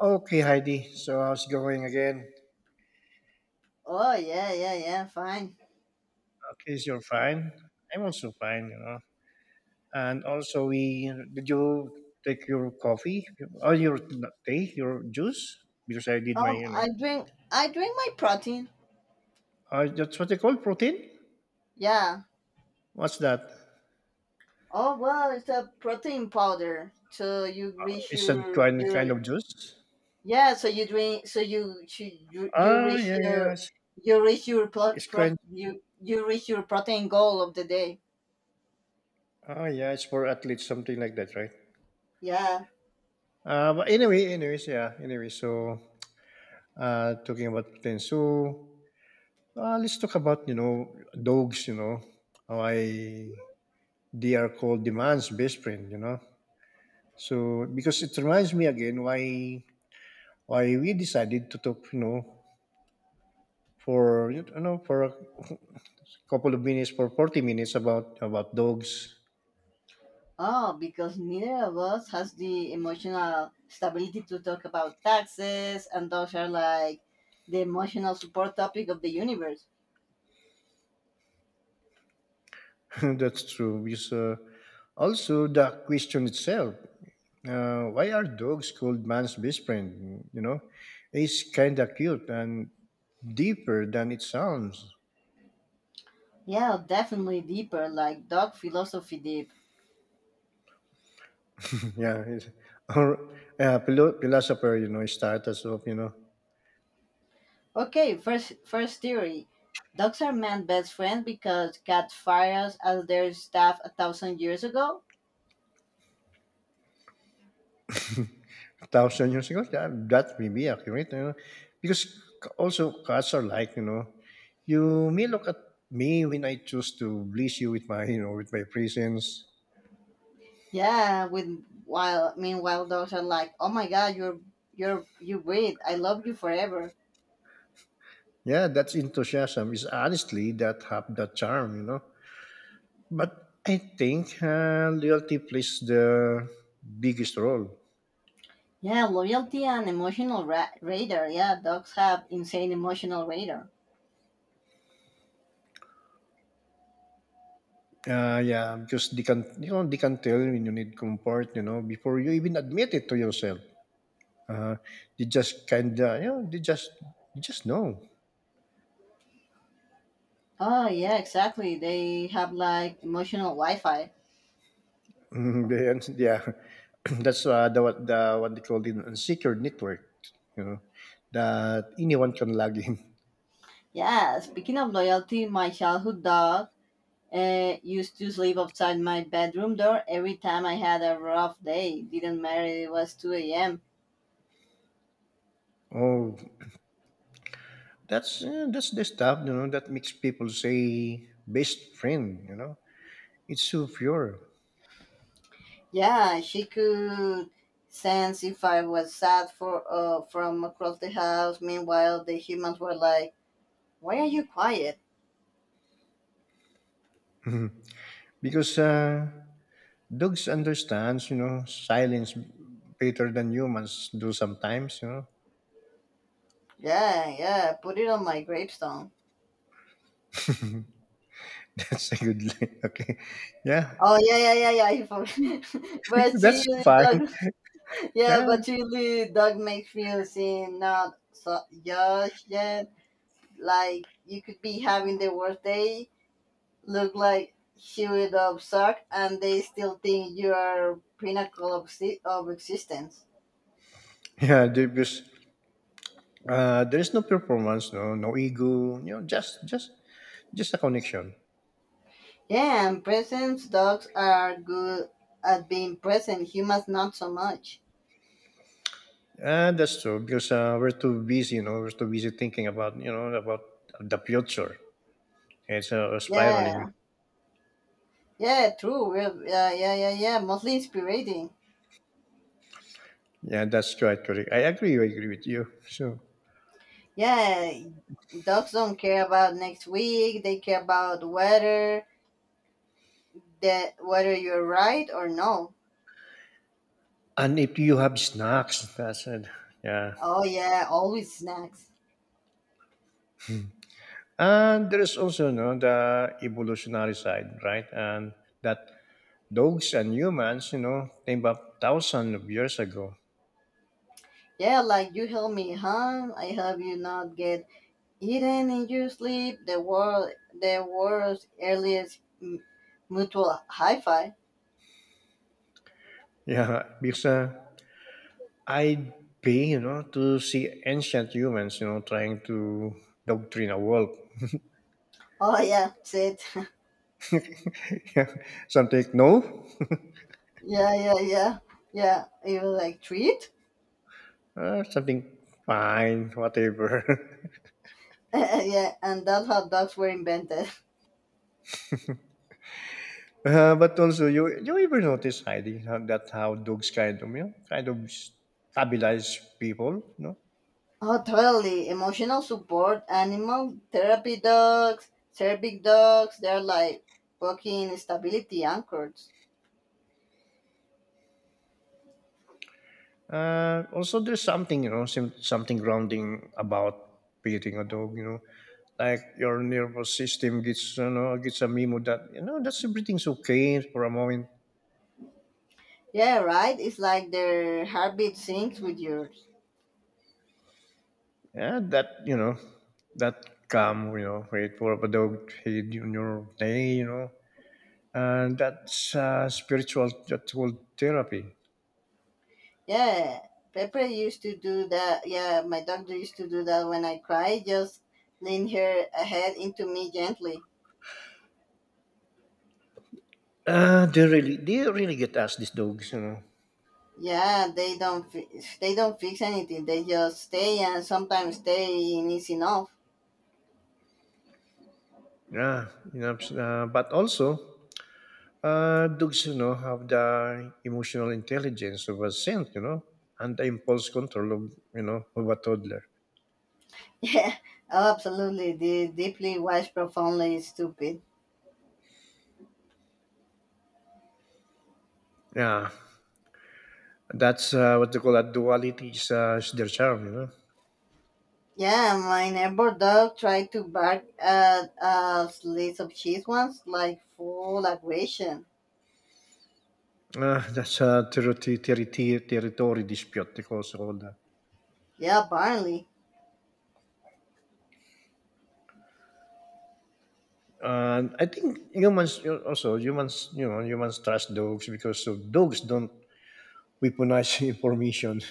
Okay, Heidi. So how's it going again? Oh, yeah, yeah, yeah. Fine. Okay, so you're fine. I'm also fine, you know. And also, we did you take your coffee or your tea, your juice? Because I did my, you know, I drink my protein. That's what they call protein. Yeah. What's that? Oh well, it's a protein powder. So you reach It's a your kind your kind of juice. yeah. So you drink. So Ah, yeah, yeah. It's kind. you you reach your protein goal of the day. Oh, yeah. It's for athletes, something like that, right? Yeah. But anyway, anyways, yeah. Anyway, so talking about protein. Let's talk about, you know, dogs. You know why they are called the man's best friend. You know, so because it reminds me again why we decided to talk, you know, for, you know, for a couple of minutes, for 40 minutes about dogs. Oh, because neither of us has the emotional stability to talk about taxes, and those are like the emotional support topic of the universe. That's true. Because also the question itself. Why are dogs called man's best friend? You know, it's kind of cute and deeper than it sounds. Yeah, definitely deeper, like dog philosophy deep. Yeah, it's, or philosopher, you know, status of, you know, Okay, first theory. Dogs are man's best friend because cats fires as their staff a thousand years ago. thousand years ago. That may be accurate, you know, because also cats are like, you know, you may look at me when I choose to bless you with my, you know, with my presence. Yeah, with while meanwhile dogs are like, "Oh my god, you're you breed. I love you forever." Yeah, that's enthusiasm. Is honestly that have that charm, you know. But I think loyalty plays the biggest role. Yeah, loyalty and emotional radar. Yeah, dogs have insane emotional radar. Yeah, because they can, you know, they can tell when you need comfort, you know, before you even admit it to yourself. Uh, they just kind of, you know, they just, you just know. Oh yeah, exactly. They have like emotional Wi-Fi. Then, yeah, that's the what they call it, an unsecured network, you know, that anyone can log in. Yeah, speaking of loyalty, my childhood dog used to sleep outside my bedroom door every time I had a rough day. Didn't matter it was 2 a.m. Oh, that's the stuff, you know, that makes people say best friend, you know, it's so pure Yeah, she could sense if I was sad for from across the house. Meanwhile, the humans were like, "Why are you quiet?" because. Dogs understands, you know, silence better than humans do sometimes, you know. Yeah, yeah, put it on my gravestone. That's a good line. Okay. Yeah. Oh, yeah, yeah, yeah, yeah. I forgot. But That's seriously, fine. dog. Yeah, Yeah. but seriously, dog makes me seem not so just yet. Like you could be having the worst day, look like chewed up sock, and they still think you are pinnacle of existence. Because there is no performance, no, no ego, you know, just a connection. Yeah, and presents dogs are good at being present. Humans not so much. That's true because we're too busy, you know, we're too busy thinking about, you know, about the future. It's spiraling. Yeah, yeah, true. We're, yeah, yeah, yeah, yeah. Mostly inspirating. Yeah, that's quite correct. I agree. I agree with you. So, Yeah, dogs don't care about next week. They care about whether you're right or no. and if you have snacks, that's it. Yeah, Oh yeah, always snacks. and there is also no the evolutionary side, right? And that dogs and humans, you know, came up thousands of years ago. Yeah, like you help me, huh? I help you not get hidden in your sleep, the world's earliest mutual hi-fi. Yeah, because I'd be, you know, to see ancient humans, you know, trying to doctrine a wolf. Oh yeah, sit. Yeah, something no, Yeah, yeah, yeah, yeah. It was like treat. Something fine, whatever. Yeah, and that's how dogs were invented. But also, you ever notice, Heidi, that how dogs kind of, you know, kind of stabilize people, no? Oh, totally. Emotional support, animal therapy dogs, cervic dogs. They're like walking stability anchors. Also, there's something, you know, something grounding about petting a dog. You know, like your nervous system gets, you know, gets a memo that, you know, that's everything's okay for a moment. Yeah, right. It's like their heartbeat syncs with yours. Yeah, that, you know, that calm, you know, wait for a dog head on your day. You know, and that's spiritual, that's called therapy. Yeah, Pepper used to do that. Yeah, my doctor used to do that when I cry. Just lean her head into me gently. They really, they really get us, these dogs. You know, Yeah, they don't fix anything. They just stay, and sometimes staying is enough. yeah, you know, but also. Dogs, you know, have the emotional intelligence of a saint, you know, and the impulse control of, you know, of a toddler. Yeah, oh, absolutely. The deeply wise, profoundly stupid. Yeah, that's what they call that duality is their charm, you know. Yeah, my neighbor dog tried to bark at a slice of cheese once, like full aggression. That's a territory dispute, they also call that. Yeah, apparently. And I think humans, you know, also humans, you know, humans trust dogs because of dogs don't weaponize information.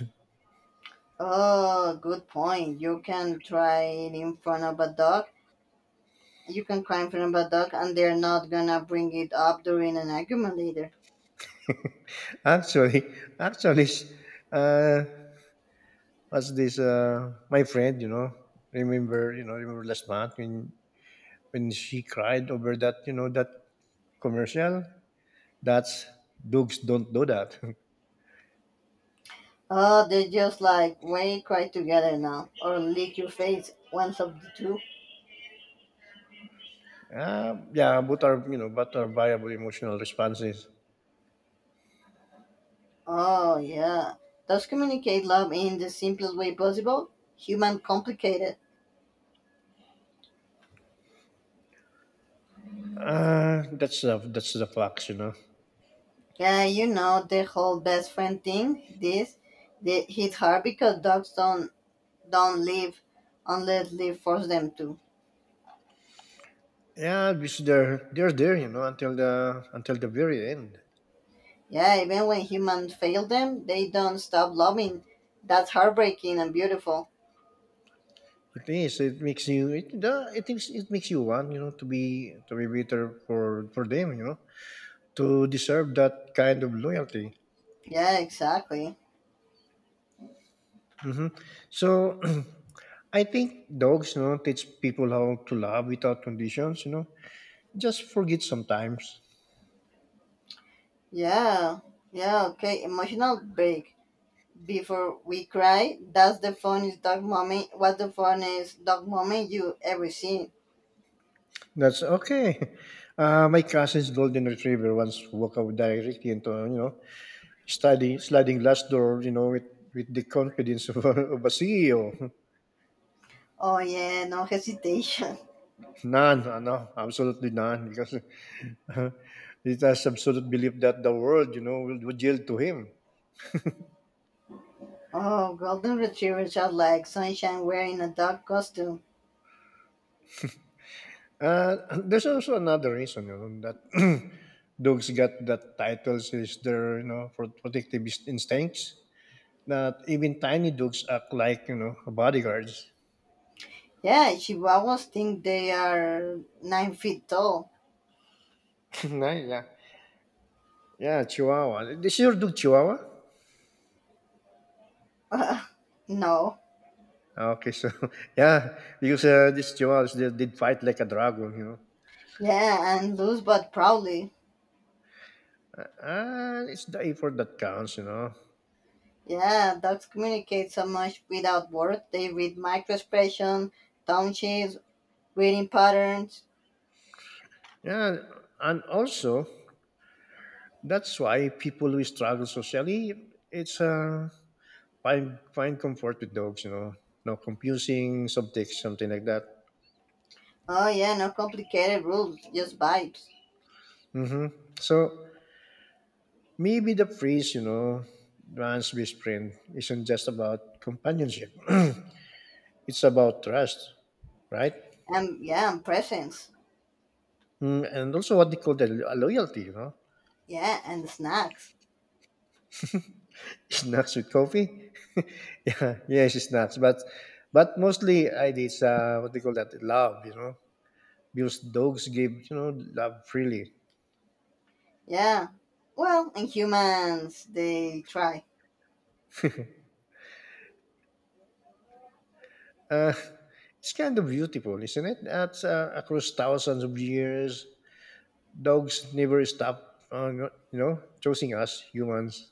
Oh, good point. You can try it in front of a dog. You can cry in front of a dog, and they're not gonna bring it up during an argument later. actually, actually, uh, what's this? My friend, you know, remember last month when she cried over that, you know, that commercial. That's, dogs don't do that. Oh, they're just like, we cry together now, or lick your face, once of the two. Yeah, but our, you know, but our viable emotional responses. Oh, yeah. Does communicate love in the simplest way possible? Human complicated. That's the, that's the facts, you know. Yeah, you know the whole best friend thing. Hit hard because dogs don't live unless they force them to. Yeah, because they're there, you know, until the, until the very end. Yeah, even when humans fail them, they don't stop loving. That's heartbreaking and beautiful. It is. It makes you. It the, it thinks it makes you want, you know, to be, to be better for them, you know, to deserve that kind of loyalty. Yeah, exactly. hmm. So I think dogs, you know, teach people how to love without conditions. You know, just forget sometimes. Yeah, yeah, okay. Emotional break. Before we cry, that's the funniest dog moment. What's the funniest dog moment you ever seen? That's okay. My cousin's golden retriever once walked out directly into, you know, sliding glass door. You know, with the confidence of a, of a CEO. Oh, yeah, no hesitation. None, no, absolutely none, because it has absolute belief that the world, you know, will, would yield to him. Oh, golden retrievers are like sunshine wearing a dog costume. There's also another reason, you know, that dogs got that titles is their, you know, for protective instincts. That even tiny dogs act like, you know, bodyguards. Yeah, chihuahuas think they are 9 feet tall. Nah, yeah. Yeah, Chihuahua. This is your dog Chihuahua. No. Ah, okay, so yeah, because this Chihuahuas they did fight like a dragon, you know. Yeah, and loose but proudly. And it's the effort that counts, you know. Yeah, dogs communicate so much without words. They read microexpression, tone shifts, reading patterns. Yeah, and also that's why people who struggle socially, it's find comfort with dogs, you know, no confusing subtext, something like that. Oh yeah, no complicated rules, just vibes. hmm. So maybe the phrase, you know, man's best friend isn't just about companionship. It's about trust, right? And yeah, and presents. Mm, and also what they call the loyalty, you know, Yeah, and snacks. snacks with coffee. Yeah, yes, it's snacks, but mostly I it's what they call that love, you know, because dogs give, you know, love freely. Yeah. Well, in humans they try. Uh, it's kind of beautiful, isn't it? That's across thousands of years. Dogs never stop, you know, choosing us humans.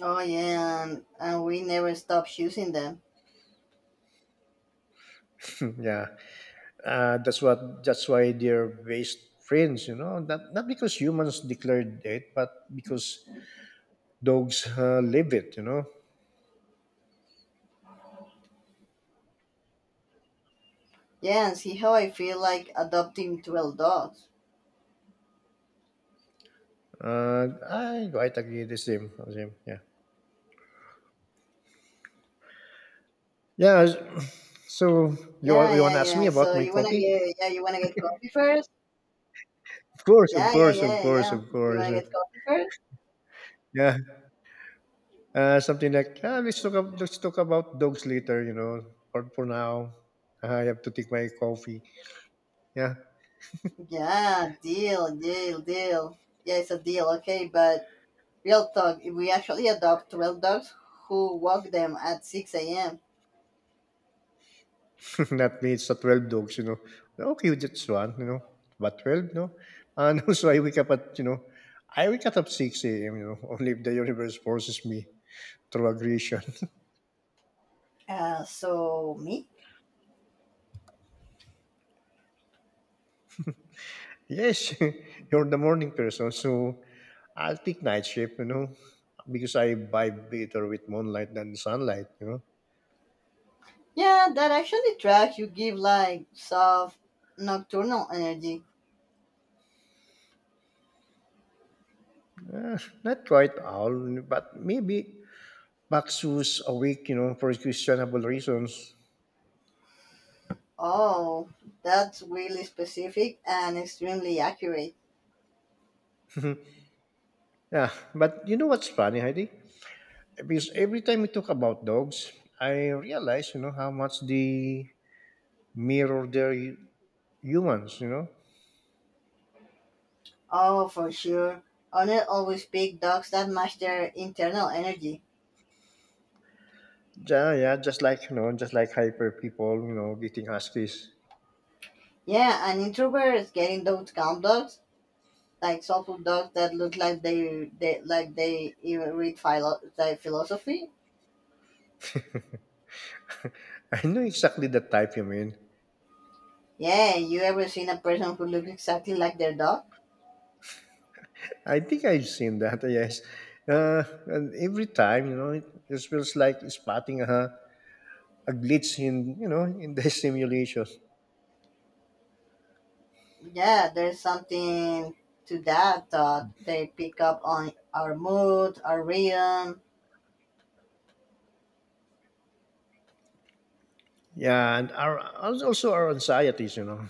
Oh yeah, and we never stop choosing them. Yeah, that's what. That's why they're best friends. You know, not, not because humans declared it, but because dogs live it. You know, Yeah, and see how I feel like adopting 12 dogs. I quite agree the same. The same. Yeah, yeah. So you Yeah, you want yeah, to ask me yeah. about So my you wanna coffee? get yeah, you wanna get coffee first? Of course, of Yeah, yeah, course, of yeah, course, yeah. of You course. wanna get coffee first? Yeah. Something like, ah, let's talk about dogs later, you know, for now. Ah, I have to take my coffee. Yeah, Yeah, deal, deal, deal. Yeah, it's a deal, okay, but real talk, if we actually adopt 12 dogs, who walk them at 6 a.m.? not me, it's the 12 dogs, you know. Okay, just one, you know, but 12, no? And also, I wake up at, you know, I wake up at 6 a.m., you know, only if the universe forces me through aggression. So, me? Yes, you're the morning person, so I'll take night shift, you know, because I vibe better with moonlight than sunlight, you know. Yeah, that actually tracks. You give like soft nocturnal energy. Not quite all, but maybe Maxus awake, you know, for questionable reasons. Oh, that's really specific and extremely accurate. Yeah, but you know what's funny, Heidi? Because every time we talk about dogs, I realize, you know, how much they mirror their humans, you know? Oh, for sure. Owner always pick dogs that match their internal energy. Yeah, yeah, just like, you know, just like hyper people, you know, getting huskies. Yeah, and introverts getting those calm dogs, like some dogs that look like they even read like philosophy. I know exactly the type you mean. Yeah, you ever seen a person who looks exactly like their dog? I think I've seen that, yes. And every time, you know, it just feels like spotting a glitch in, you know, in the simulation. Yeah, there's something to that thought. They pick up on our mood, our rhythm. Yeah, and our also our anxieties, you know.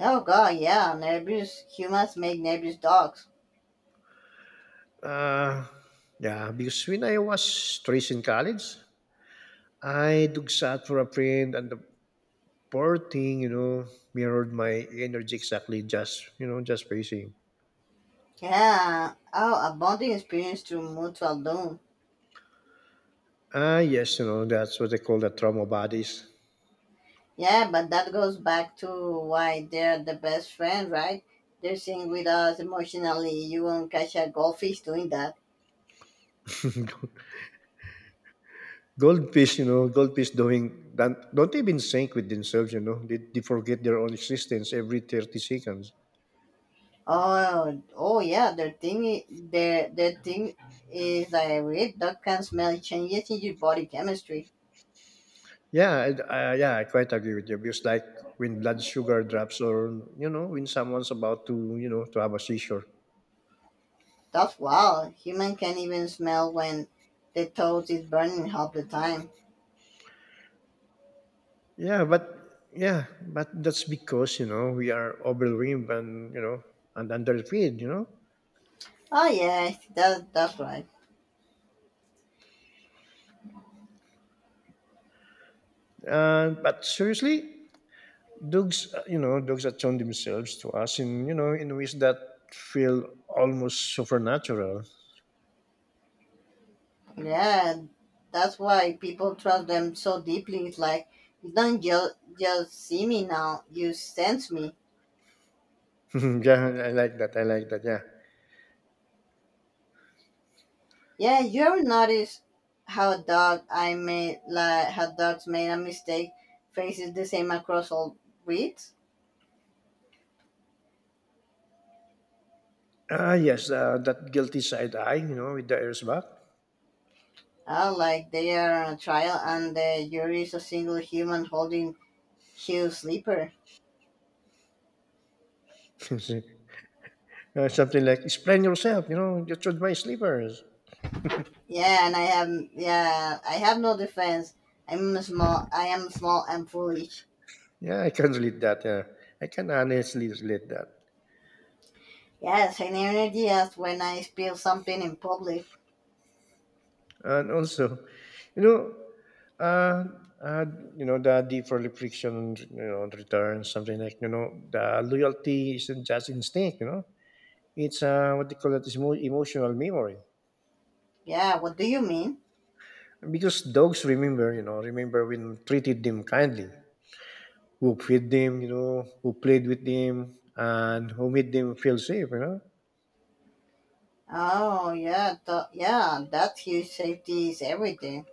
Oh god, yeah, nervous humans make nervous dogs. Uh, yeah, because when I was stressed in college, I dug sat for a friend, and the poor thing, you know, mirrored my energy exactly. Just, you know, just pacing. Yeah. Oh, a bonding experience through mutual doom. Ah, yes, you know, that's what they call the trauma bodies. Yeah, but that goes back to why they're the best friend, right? They sing with us emotionally. You won't catch a goldfish doing that. Goldfish, you know, goldfish doing don't even sync with themselves, you know. They forget their own existence every 30 seconds. Oh, oh yeah. Their thing, their thing is I read that can smell changes in your body chemistry. Yeah, I quite agree with you because, like, when blood sugar drops, or you know, when someone's about to, you know, to have a seizure. That's wild. Human can even smell when the toast is burning half the time. Yeah, but yeah, but that's because you know we are overwhelmed and you know and underfed, you know. Oh yeah, that's right. And but seriously, dogs, you know, dogs attune themselves to us in, you know, in ways that feel almost supernatural. Yeah, that's why people trust them so deeply. It's like you don't just see me now; you sense me. Yeah, I like that. I like that. Yeah. Yeah, you ever notice how a dog I made, like how dogs made a mistake faces the same across all breeds? Ah, yes, that guilty side eye, you know, with the airs back. Like they are on a trial and the jury is a single human holding huge sleeper. Something like, explain yourself, you know, you should my slippers. Yeah, and I have yeah, I have no defense. I'm small. I am small and foolish. Yeah, I can relate that. Yeah. I can honestly relate that. Yes, an energy as when I spill something in public. And also, you know, uh, uh, you know, the deeper friction, you know, returns. Something like, you know, the loyalty isn't just instinct, you know, it's what they call, it's more emotional memory. Yeah, what do you mean? Because dogs remember, you know, remember when treated them kindly, who fed them, you know, who played with them, and who made them feel safe, you know. Oh, yeah, yeah, that's huge. Safety is everything.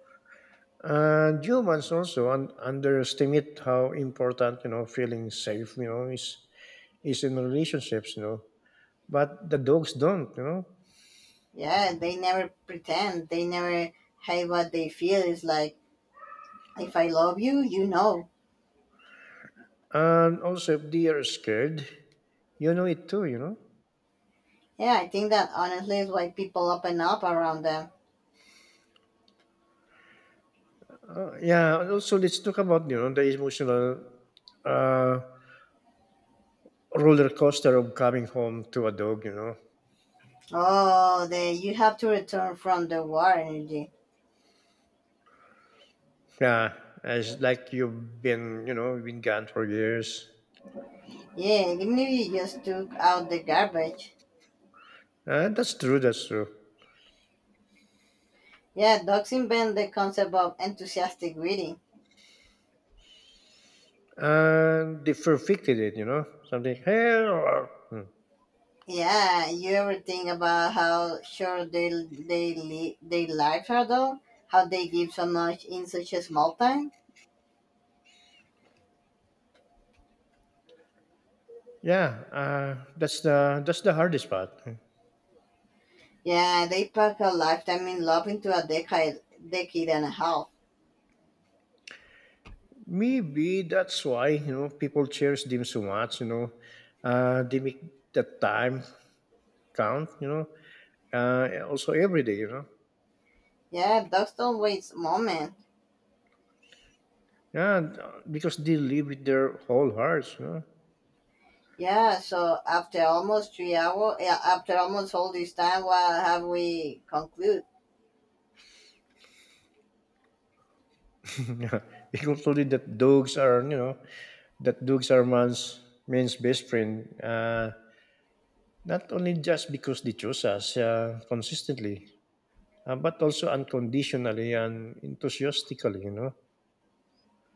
And humans also underestimate how important, you know, feeling safe, you know, is in relationships, you know. But the dogs don't, you know. Yeah, they never pretend. They never hide what they feel. It's like, if I love you, you know. And also, if they are scared, you know it too, you know. Yeah, I think that honestly is why people open up around them. Yeah. And also, let's talk about, you know, the emotional uh, roller coaster of coming home to a dog, you know. Oh, you have to return from the war energy. Yeah, it's like you've been gone for years. Yeah, even if you just took out the garbage. That's true. That's true. Yeah, dogs invent the concept of enthusiastic reading. And they perfected it, you know, something. Hey, oh, oh. Hmm. Yeah, you ever think about how short their lives are though? How they give so much in such a small time? Yeah, that's the hardest part. Hmm. Yeah, they pack a lifetime in love into a decade, decade and a half. Maybe that's why people cherish them so much. They make the time count. Also every day. Yeah, dogs don't waste moment. Yeah, and, because they live with their whole hearts. You know, Yeah, so after almost 3 hours, yeah, after almost all this time, what have we conclude? Yeah, they concluded that dogs are that dogs are man's best friend. Not only just because they chose us consistently, but also unconditionally and enthusiastically, you know.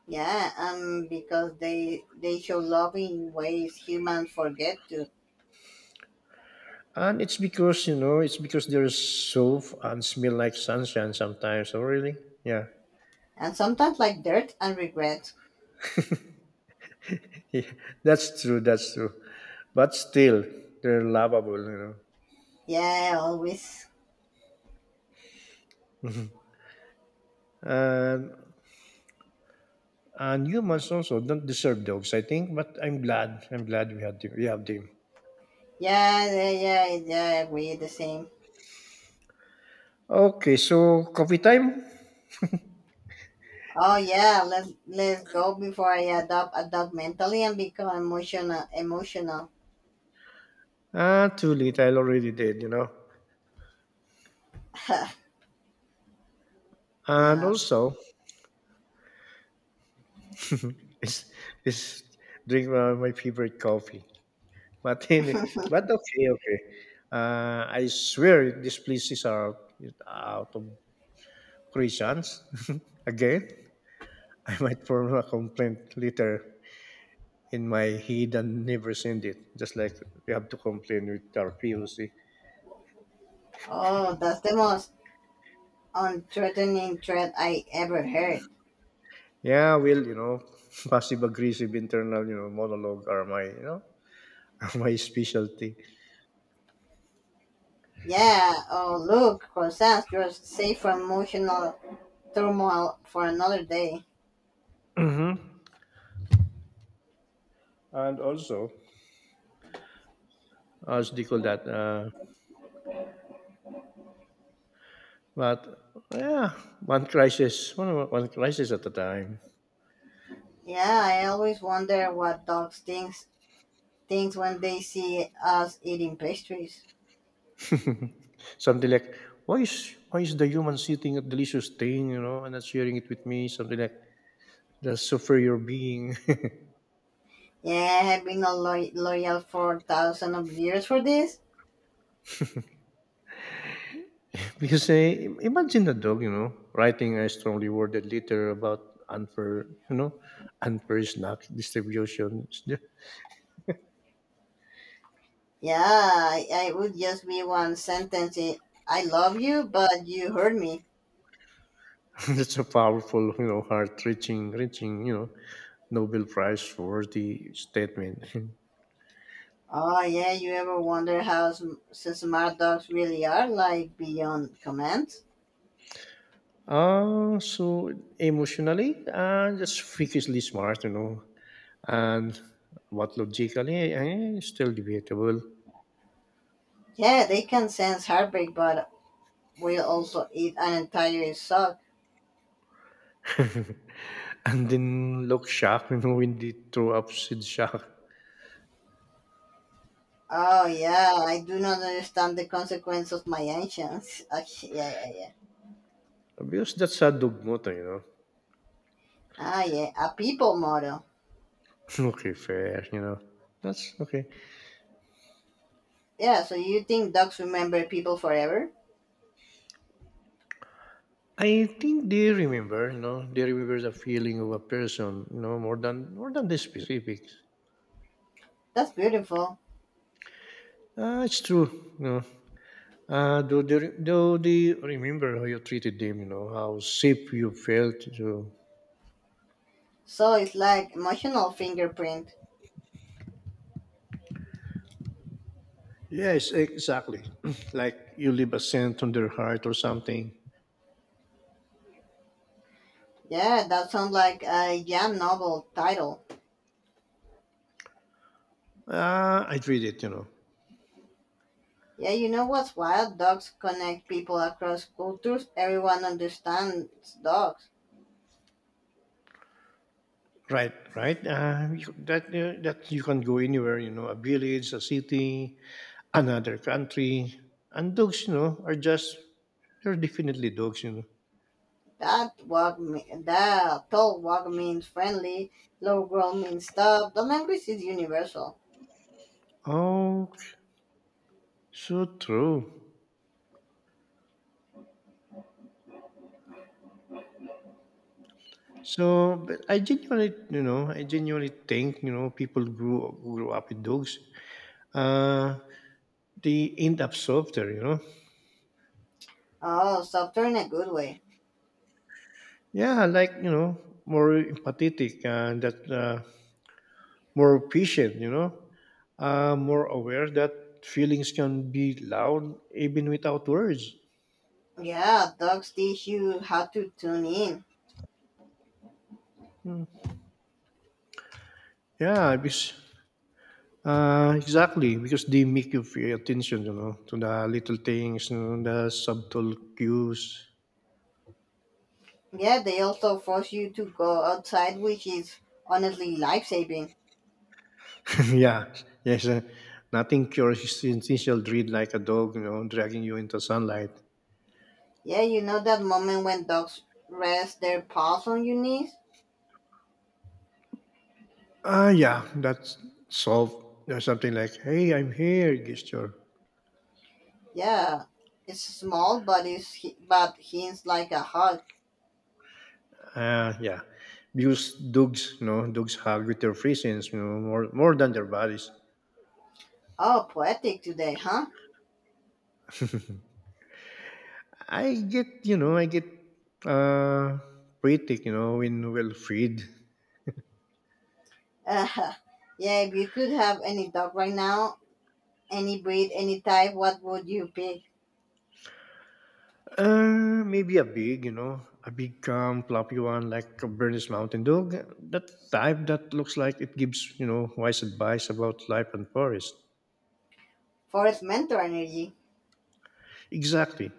Yeah, because they show love in ways humans forget to, And it's because, you know, it's because they're so and smell like sunshine sometimes. Oh, really? Yeah. and sometimes like dirt and regret. Yeah. That's true. That's true. But still, they're lovable, you know. Yeah, always. And, and humans also don't deserve dogs, I think. But I'm glad. I'm glad we have them. Yeah, yeah, yeah, yeah, I agree the same. Okay, so coffee time? Oh yeah, let's go before I adopt mentally and become emotional. Ah, too late. I already did, you know. And Yeah. also, It's, it's drink my favorite coffee. But any, but okay, okay. I swear these places are out, of Christians again. I might form a complaint later in my head and never send it. Just like we have to complain with our POC. Oh, that's the most unthreatening threat I ever heard. Yeah, well, passive aggressive internal, monologue are my are my specialty. Yeah. Oh look, croissants, you're safe from emotional turmoil for another day. Hmm. And also, as they call that, But yeah, one crisis at a time. Yeah, I always wonder what dogs thinks when they see us eating pastries. Something like, why is the human sitting at delicious thing, you know, and not sharing it with me? Something like the superior being. Yeah, I've been loyal for thousands of years for this. Because imagine a dog, you know, writing a strongly worded letter about unfair, you know, unfair snack distribution. Yeah, I would just be one sentence. In, I love you, but you hurt me. That's a powerful, you know, heart-reaching, you know, Nobel Prize worthy statement. Oh yeah, you ever wonder how smart dogs really are? Like beyond commands? Uh, so Emotionally, just freakishly smart, you know, and what logically, still debatable. Yeah, they can sense heartbreak, but will also eat an entire sock. And then look shocked, you know, when they throw up Sid shock. Oh yeah, I do not understand the consequence of my actions. Ah, yeah, yeah, yeah. Because that's a dugmota, you Ah, yeah, a people model. know. Okay, fair, you know. That's okay. Yeah, so you think dogs remember people forever? I think they remember, you know, they remember the feeling of a person, you know, more than the specifics. That's beautiful. It's true, you know. Do they remember how you treated them? You know how safe you felt. You, So it's like emotional fingerprint. yes, exactly. Like you leave a scent on their heart or something. Yeah, that sounds like a jam novel title. I treat it. You know, Yeah, you know what's wild? Dogs connect people across cultures. Everyone understands dogs. right, right. That that you can go anywhere. You know, a village, a city, another country, and dogs. You know, are just they're definitely dogs. You know. That walk me, that tall walk means friendly, low growl means tough. The language is universal. Oh, so true. So, but I genuinely, you know, I genuinely think, you know, people grew up with dogs. Uh, they end up softer, you know. Oh, softer in a good way. Yeah, like more empathetic and that more patient, you know, more aware that feelings can be loud even without words. Yeah, dogs teach you how to tune in. Yeah, because exactly because they make you pay attention, you know, to the little things, you know, the subtle cues. Yeah, they also force you to go outside, which is honestly life saving. Yeah, yes. Nothing cures initial dread like a dog, you know, dragging you into sunlight. Yeah, you know that moment when dogs rest their paws on your knees? Ah, yeah, that's solved. Or something like, hey, I'm here, gesture. Yeah, it's small, but hints like a hug. Ah, yeah. Because dogs, you know, dogs hug with their presence, you know, more than their bodies. Oh, poetic today, huh? I get, you know, I get uh, pretty, you know, when well freed. Uh, yeah, if you could have any dog right now, any breed, any type, what would you pick? Maybe a big, you know, a big, calm, floppy one like a Bernese Mountain Dog. That type that looks like it gives, you know, wise advice about life and forest. Forest mentor energy. Exactly.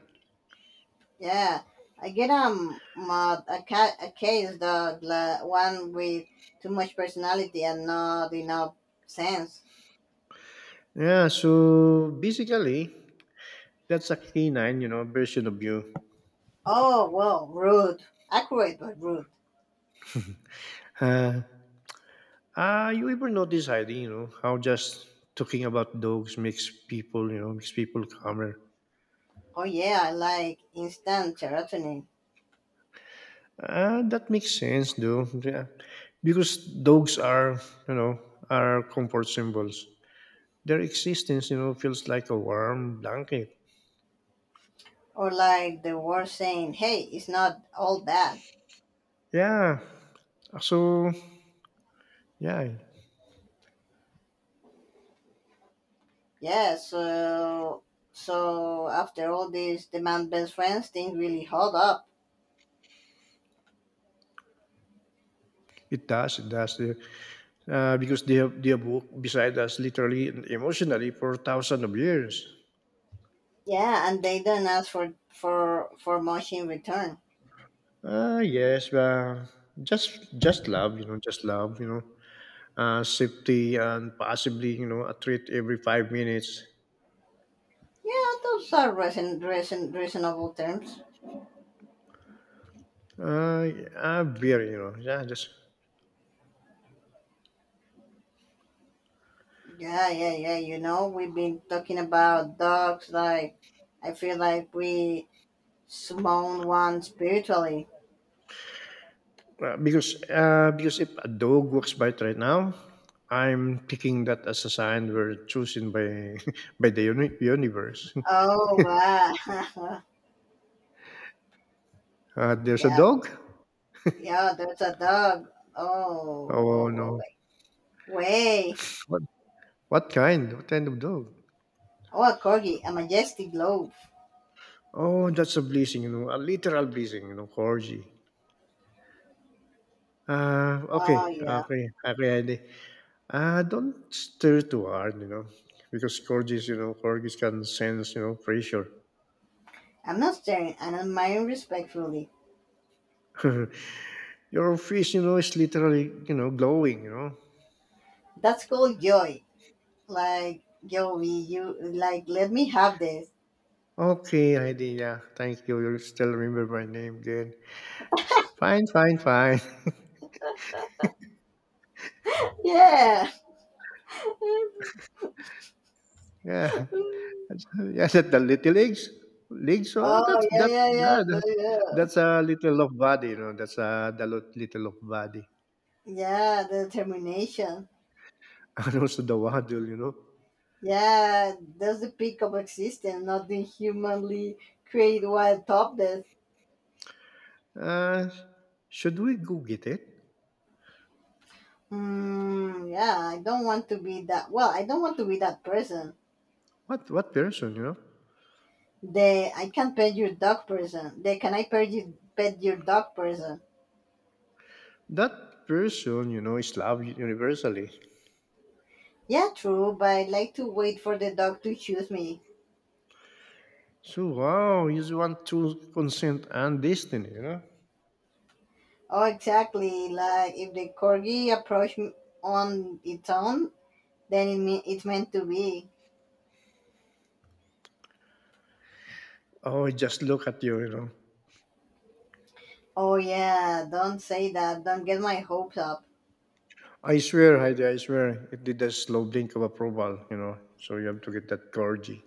Yeah, I get mod a cat a case dog la, one with too much personality and not enough sense. Yeah, so basically, that's a canine, you know, version of you. Oh well, rude, accurate but rude. Uh, you ever notice, Heidi, you know, how just talking about dogs makes people, you know, makes people calmer. Oh yeah, I like instant serotonin. That makes sense, though. Yeah. Because dogs are, you know, are comfort symbols their existence, you know, feels like a warm blanket. Or like the world saying, "Hey, it's not all bad." Yeah. So yeah, Yeah. So after all this, the man best friends thing really hold up. it does. It does. Because they have walked beside us literally and emotionally for thousands of years. Yeah, and they don't ask for much in return. Ah, yes. Just love, you know, just love, you know. Safety and possibly, you know, a treat every 5 minutes. Yeah, those are reasonable terms. Uh, Very, you know, yeah, just Yeah, yeah, yeah. You know, we've been talking about dogs. Like, I feel like we smote one spiritually. Because if a dog walks by it right now, I'm taking that as a sign we're chosen by by the universe. Oh wow. There's a Yeah. dog. Yeah, that's a dog. Oh, Oh whoa, whoa, no! wait. Way. What what kind? What kind of dog? Oh, a corgi, a majestic globe. Oh, that's a blessing, you know, a literal blessing, you know, corgi. Uh, okay, Oh, yeah. okay, okay, Andy. Don't stir too hard, you know, because corgis, you know, corgis can sense, you know, pressure. I'm not staring, I'm admiring respectfully. Your fish, you know, is literally, you know, glowing, you know. That's called joy. Like, Joey, you, like, let me have this. Okay, idea. Thank you. You still remember my name then. Yes. Fine, fine, fine. Yeah. Oh, Yeah. That's- Yes, at the little legs. Legs. Oh, that's yeah, that. yeah, yeah, Yeah, yeah. that's a little of body, you know. That's a the little of body, Yeah, the determination. and also the waddle, you know. Yeah, that's the peak of existence, not the humanly create wild top. Uh, should we go get it? Mm, yeah, I don't want to be that. Well, I don't want to be that person. What person, you know? They, I can pet your dog person. They, can I pet your dog person? That person, you know, is loved universally. Yeah, true, but I like to wait for the dog to choose me. So wow, you just want to consent and destiny, you know. Oh, exactly. Like if the corgi approach on its own, then it's meant to be. Oh, just look at you, you know. Oh yeah, don't say that. Don't get my hopes up. I swear, Heidi, I swear, it did a slow blink of approval, you know. So you have to get that clergy.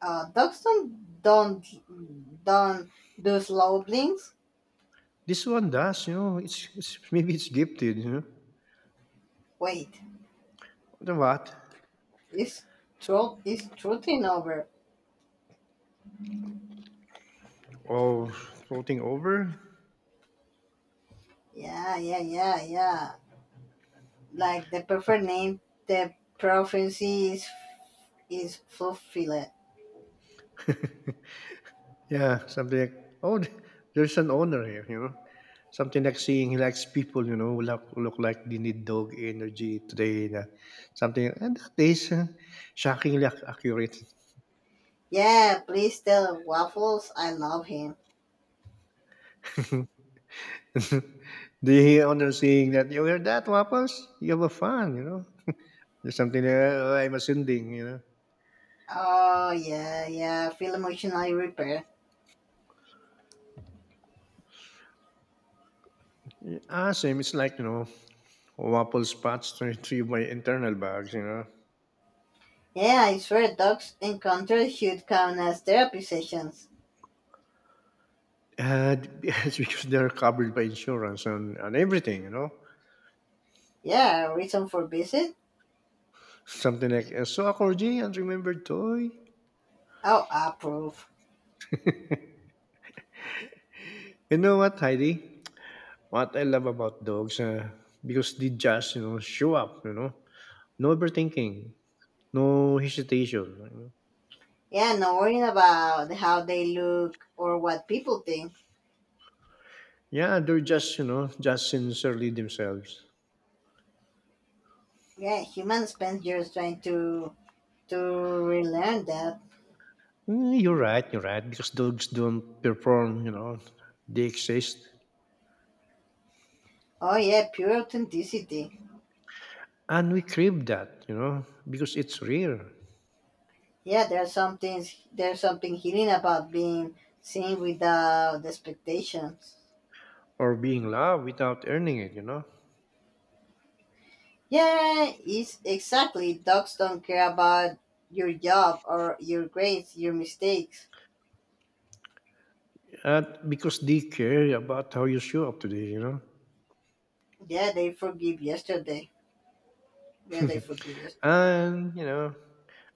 Dogs don't do slow blinks. This one does, you know. It's maybe it's gifted, you know. Wait. The what? It's truth, it's trotting over. Oh, floating over? Yeah, yeah, yeah, yeah. Like the perfect name, the prophecy is fulfilled. Yeah, something like oh, there's an owner here, you know. Something like seeing he likes people, you know, who look like they need dog energy today. Na, something and that is shockingly accurate. Yeah, please tell Waffles I love him. The owner saying that you hear that, Wapples? You have a fan, you know. There's something there, "Oh, I'm ascending, you know." Oh yeah, yeah. Feel emotionally repaired. Ah, same. It's like, you know, waffle spots turned through my internal bags, you know. Yeah, I swear dogs encounter should count as therapy sessions. And it's because they're covered by insurance and everything, you know. Yeah, reason for visit? Something like, a corgi, unremembered toy. Oh, approve. You know what, Heidi? What I love about dogs, because they just, you know, show up, you know. No overthinking, no hesitation. You know? Yeah, no worrying about how they look or what people think. Yeah, they're just, you know, just sincerely themselves. Yeah, humans spend years trying to relearn that. Mm, you're right, because dogs don't perform, you know, they exist. Oh yeah, pure authenticity. And we crave that, you know, because it's rare Yeah, there's some things. There's something healing about being seen without expectations. or being loved without earning it, you know, Yeah, it's exactly. Dogs don't care about your job or your grades, your mistakes. and because they care about how you show up today, you know, Yeah, they forgive yesterday. Yeah, they forgive yesterday. and, you know,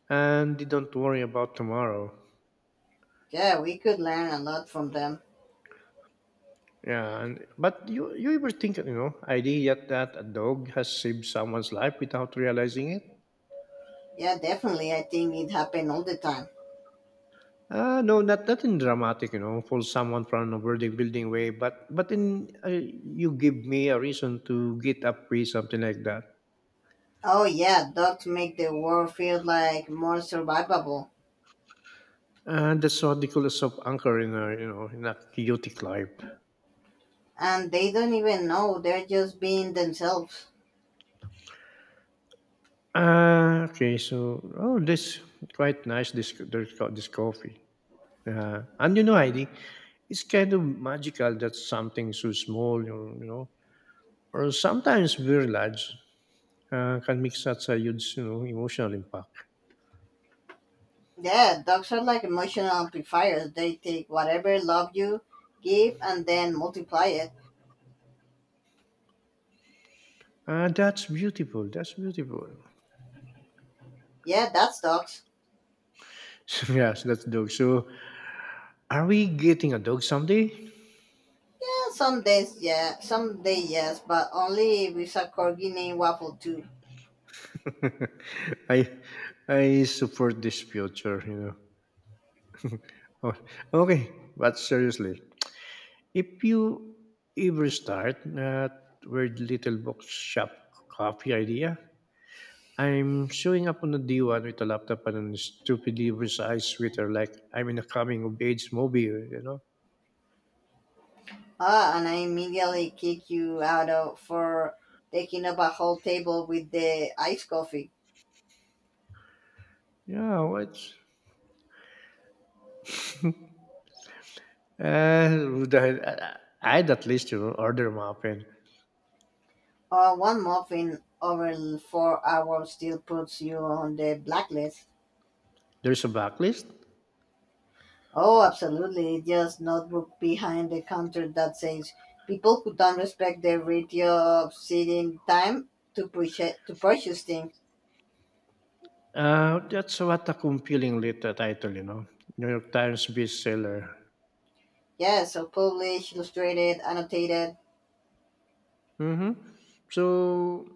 and they don't worry about tomorrow. Yeah, we could learn a lot from them. Yeah, and, but you ever think, you know, idea that a dog has saved someone's life without realizing it? Yeah, definitely. I think it happened all the time. No, not in dramatic, you know, pull someone from a building way, but in you give me a reason to get up free something like that, Oh yeah, dogs make the world feel like more survivable. and that's what they call a soft anchor in a you know in a chaotic life. And they don't even know, they're just being themselves. Okay, so oh, this quite nice this coffee, and you know, Heidi, it's kind of magical that something so small, you know, or sometimes very large, can make such a huge you know emotional impact. Yeah, dogs are like emotional amplifiers. They take whatever love you give and then multiply it. That's beautiful. That's beautiful. Yeah, that's dogs. So, yes, that's dog. So, are we getting a dog someday? Yeah, some days, yeah, some day, yes, but only if it's a corgi named Waffle too. I, I support this future. You know. Oh, okay, but seriously, if you ever start that weird little box shop coffee idea, I'm showing up on the D1 with a laptop and a stupidly oversized sweater, like I'm in a coming of age movie. You know. Ah, and I immediately kick you out of for taking up a whole table with the iced coffee. Yeah. What? I'd at least you know order them up and One muffin over 4 hours still puts you on the blacklist. there's a backlist. Oh, absolutely. Just notebook behind the counter that says people who don't respect the ratio of sitting time to purchase things. That's what a compelling lit title, you know, New York Times bestseller. Yeah, so published, illustrated, annotated. Mm-hmm. So,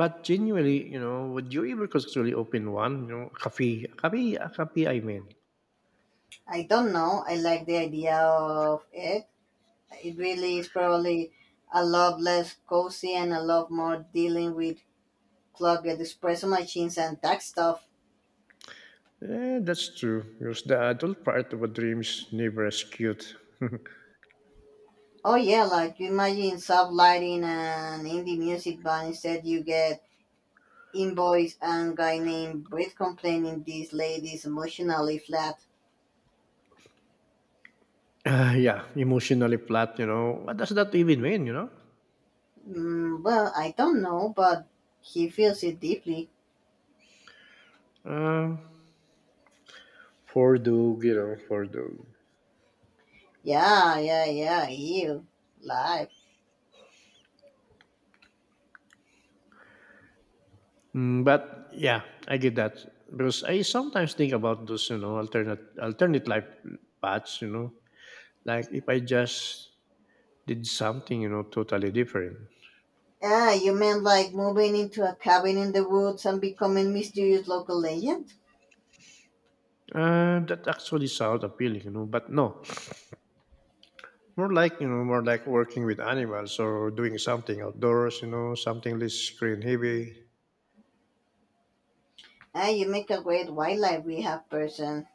but genuinely, you know, would you ever conceptually open one? You know, a cafe. I mean, I don't know. I like the idea of it. It really is probably a lot less cozy and a lot more dealing with clogged espresso machines and tech stuff. That's true. Because the adult part of a dreams never as cute. Oh yeah, like you imagine soft lighting and indie music, but instead you get invoice and guy named Britt complaining this lady's emotionally flat. Yeah, emotionally flat, you know. What does that even mean, you know? Mm, well, I don't know, but he feels it deeply. Uh, for dog, you know, for dog. Yeah, yeah, yeah, you. Life. Mm, but yeah, I get that because I sometimes think about those, you know, alternate life paths. You know, like if I just did something, you know, totally different. Ah, you meant like moving into a cabin in the woods and becoming mysterious local legend? That actually sounds appealing, you know. But no, more like more like working with animals or doing something outdoors. You know, something less screen heavy. Ah, you make a great wildlife rehab person.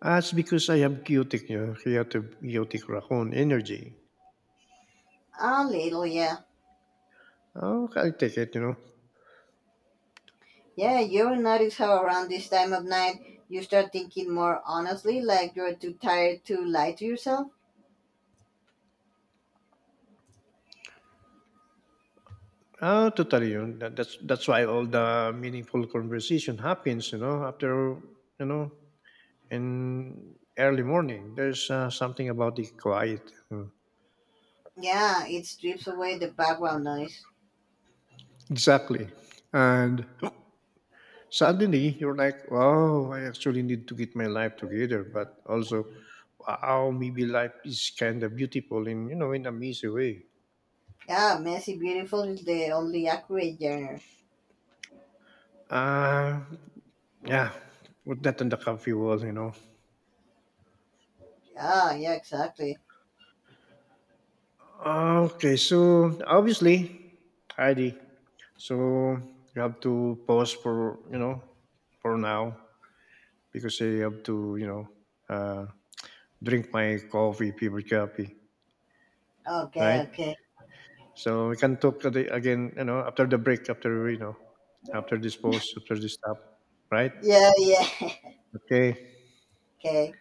That's because I have chaotic, you know, chaotic raccoon energy. A little, yeah. Oh, I take it, you know. Yeah, you will notice how around this time of night you start thinking more honestly, like you're too tired to lie to yourself. Ah, totally. That's why all the meaningful conversation happens, you know, after you know, in early morning. There's something about the quiet. Yeah, it strips away the background noise. Exactly. And suddenly you're like, wow, I actually need to get my life together. But also, wow, maybe life is kind of beautiful in you know in a messy way. Yeah, messy beautiful is the only accurate genre. Uh, yeah. Put that on the coffee wall, you know. Yeah, yeah, exactly. Okay, so obviously, Heidi. So you have to pause for you know for now because I have to you know uh, drink my coffee, favorite coffee, Okay, right? okay. So we can talk again, you know, after the break, after you know, after this pause, after this stop, right? Yeah, yeah. Okay. Okay.